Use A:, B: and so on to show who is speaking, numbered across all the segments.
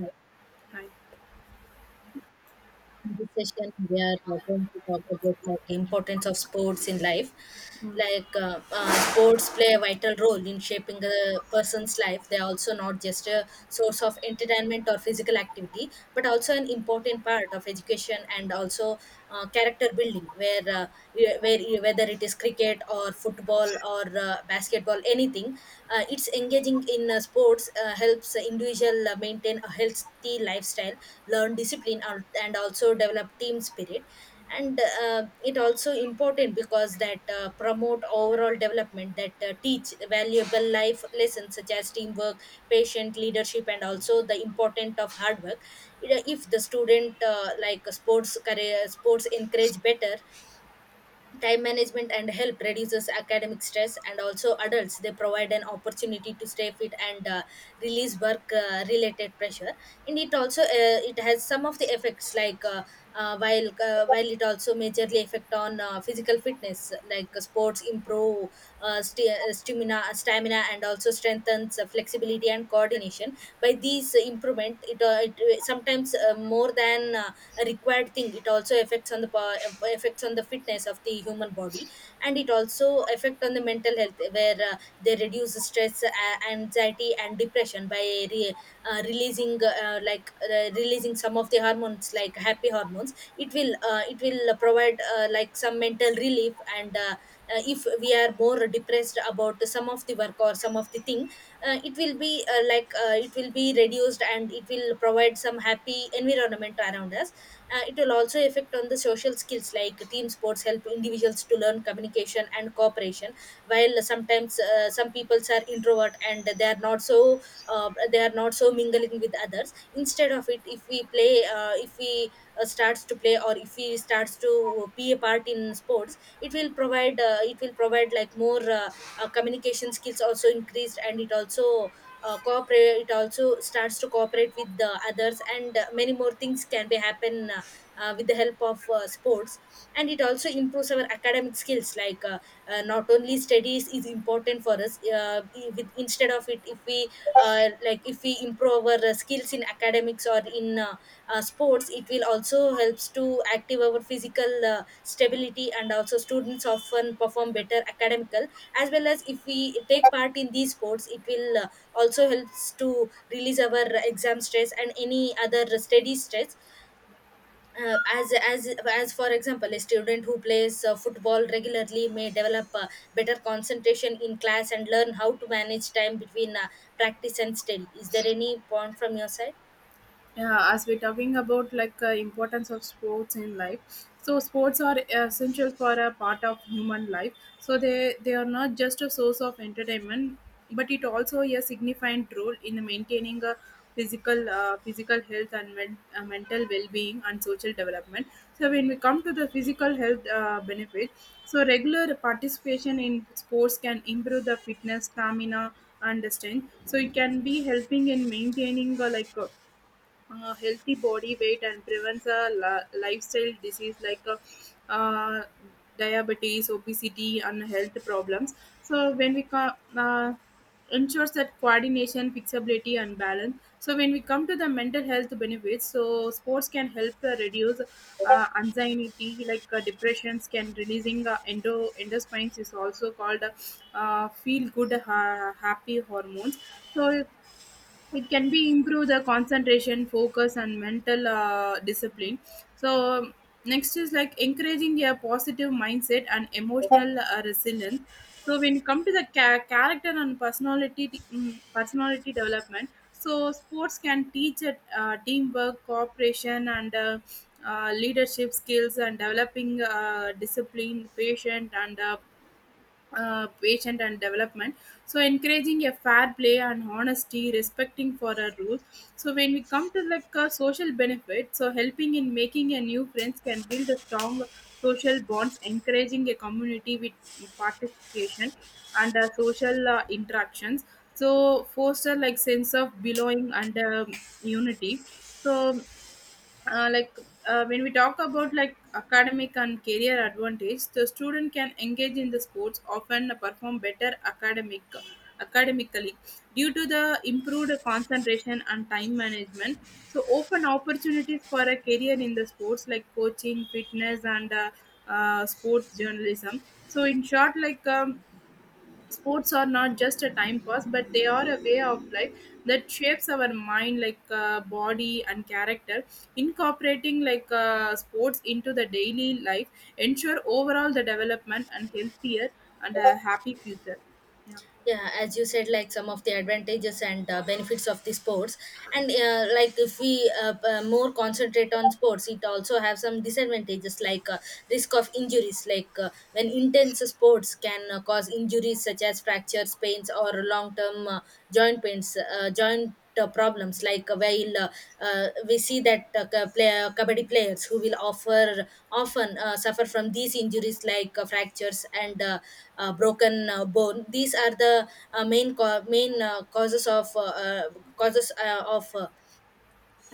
A: Uh,
B: Hi.
A: In this session, we are going to talk about like importance of sports in life. Like sports play a vital role in shaping a person's life. They are also not just a source of entertainment or physical activity, but also an important part of education and also character building. Where y- where y- whether it is cricket or football or basketball, anything. It's engaging in sports helps the individual maintain a healthy lifestyle, learn discipline, and also develop team spirit. And it also important because that promote overall development, that teach valuable life lessons such as teamwork, patient, leadership, and also the important of hard work. If the student like sports career, sports encourage better time management and help reduces academic stress. And also adults, they provide an opportunity to stay fit and release work related pressure. And it also it has some of the effects like while it also majorly affect on physical fitness. Like sports improve stamina and also strengthens flexibility and coordination. By these improvement, it sometimes more than a required thing, it also affects on the effects on the fitness of the human body. And it also affect on the mental health, where they reduce stress, anxiety and depression by re- releasing some of the hormones like happy hormones. It will it will provide like some mental relief. And if we are more depressed about some of the work or some of the thing, it will be it will be reduced, and it will provide some happy environment around us. It will also affect on the social skills, like team sports help individuals to learn communication and cooperation. While sometimes some peoples are introvert and they are not so they are not so mingling with others. Instead of it, if we play, if we starts to play, or if we starts to be a part in sports, it will provide like more communication skills also increased. And it also cooperate it also starts to cooperate with the others. And many more things can be happen, with the help of sports. And it also improves our academic skills. Like not only studies is important for us. With instead of it, if we like if we improve our skills in academics or in sports, it will also helps to active our physical stability. And also students often perform better academical, as well as if we take part in these sports, it will also helps to release our exam stress and any other study stress. As for example, a student who plays football regularly may develop better concentration in class, and learn how to manage time between practice and study. Is there any point from your side?
B: Yeah, as we're talking about importance of sports in life, so sports are essential for a part of human life. So they are not just a source of entertainment, but it also a significant role in maintaining a physical health and mental well-being and social development. So when we come to the physical health benefit, so regular participation in sports can improve the fitness, stamina, and strength. So it can be helping in maintaining healthy body weight and prevents a lifestyle disease like uh, diabetes, obesity, and health problems. So when we ensures that coordination, flexibility, and balance. So when we come to the mental health benefits, so sports can help reduce anxiety, like depressions, can releasing endorphins is also called feel good, happy hormones. So it can be improve the concentration focus and mental discipline. So next is like encouraging a positive mindset and emotional resilience. So when you come to the character and personality personality development, so sports can teach teamwork, cooperation, and leadership skills, and developing discipline, patient, and patient and development. So encouraging a fair play and honesty, respecting for our rules. So when we come to social benefit, so helping in making a new friends can build a strong social bonds, encouraging a community with participation and social interactions. So foster like sense of belonging and unity. So uh, like when we talk about like academic and career advantage, the student can engage in the sports often perform better academically due to the improved concentration and time management. So open opportunities for a career in the sports like coaching, fitness, and sports journalism. So in short, sports are not just a time pass, but they are a way of life that shapes our mind, body, and character. Incorporating sports into the daily life ensure overall the development and healthier and a happy future. Yeah.
A: Yeah, as you said, like some of the advantages and benefits of the sports. And like if we more concentrate on sports, it also have some disadvantages. Like risk of injuries, like when intense sports can cause injuries such as fractures, pains, or long term joint pains, joint problems. Like while we see that kabaddi players who will offer often suffer from these injuries, like fractures and broken bone. These are the main causes of causes uh, of uh,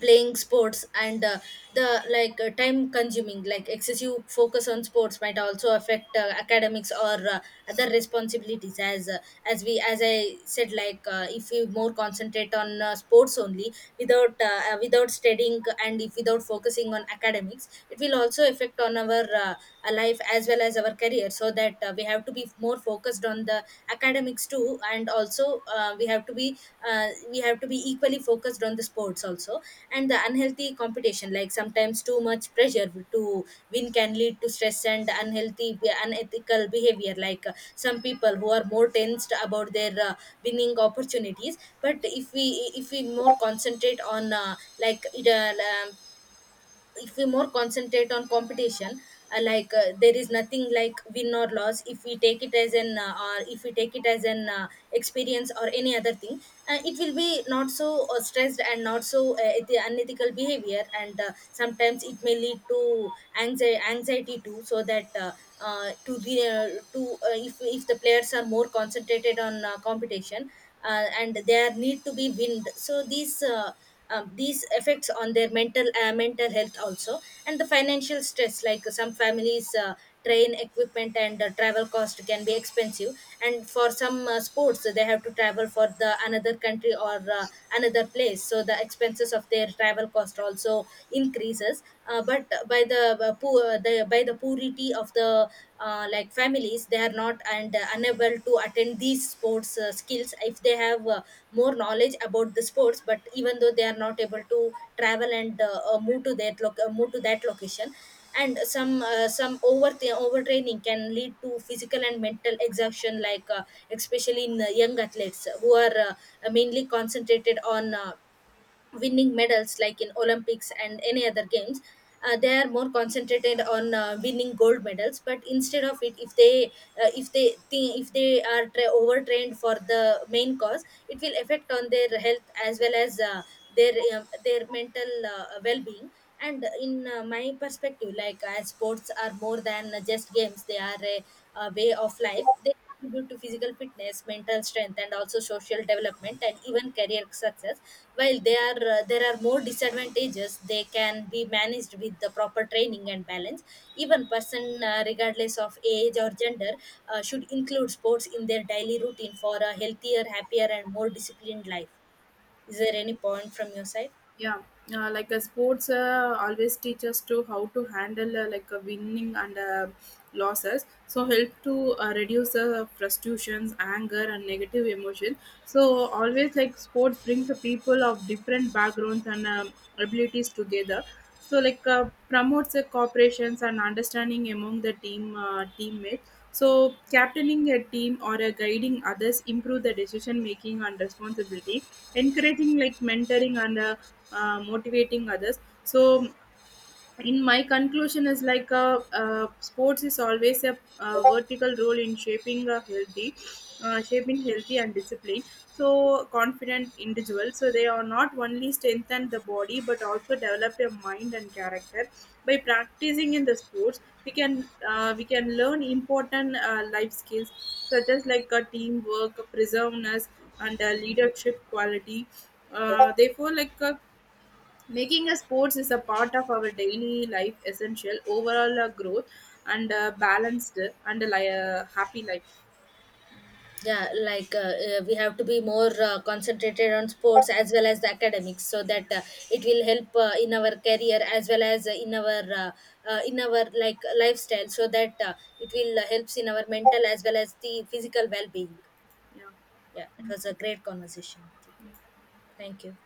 A: playing sports. And the like time consuming, like excessive focus on sports might also affect academics or other responsibilities. As I said, like if we more concentrate on sports only, without without studying, and if without focusing on academics, it will also affect on our life as well as our career. So that we have to be more focused on the academics too. And also we have to be uh, we have to be equally focused on the sports also. And the unhealthy competition, like sometimes too much pressure to win can lead to stress and unhealthy, unethical behavior. Like some people who are more tensed about their winning opportunities. But if we, if we more concentrate on like it, uh, if we more concentrate on competition. There is nothing like win or loss. If we take it as an or if we take it as an experience or any other thing, it will be not so stressed and not so unethical behavior. And sometimes it may lead to anxiety too. So that to re- to if the players are more concentrated on competition and there need to be wind, so these effects on their mental health also. And the financial stress, like some families train equipment and travel cost can be expensive. And for some sports, they have to travel for the another country, or another place, so the expenses of their travel cost also increases. But by the poor the by the poor poverty of the like families, they are not, and unable to attend these sports skills. If they have more knowledge about the sports, but even though they are not able to travel and move to that move to that location. And some overtraining can lead to physical and mental exhaustion. Like especially in young athletes who are mainly concentrated on winning medals, like in Olympics and any other games. They are more concentrated on winning gold medals. But instead of it, if they think, if they are overtrained for the main cause, it will affect on their health as well as their mental well-being. And in my perspective, like as sports are more than just games, they are a way of life. They contribute to physical fitness, mental strength, and also social development, and even career success. While they are there are more disadvantages, they can be managed with the proper training and balance. Even person, regardless of age or gender, should include sports in their daily routine for a healthier, happier and more disciplined life. Is there any point from your side?
B: Yeah, like a sports always teach us to how to handle like a winning and losses, so help to reduce the frustrations, anger, and negative emotion. So always, like, sports brings the people of different backgrounds and abilities together. So promotes the cooperations and understanding among the teammates. So captaining a team or guiding others improve the decision making and responsibility, encouraging like mentoring and motivating others. So in my conclusion is sports is always a vertical role in shaping a healthy and disciplined, so confident individual. So they are not only strengthen the body but also develop their mind and character. By practicing in the sports, we can learn important life skills such as like a teamwork, preserveness, and leadership quality. Therefore, making a sports is a part of our daily life, essential overall growth and balanced and happy life.
A: Yeah, like we have to be more concentrated on sports as well as the academics. So that it will help in our career, as well as in our like lifestyle. So that it will helps in our mental as well as the physical well-being.
B: Yeah.
A: Yeah, it was a great conversation with you. Thank you.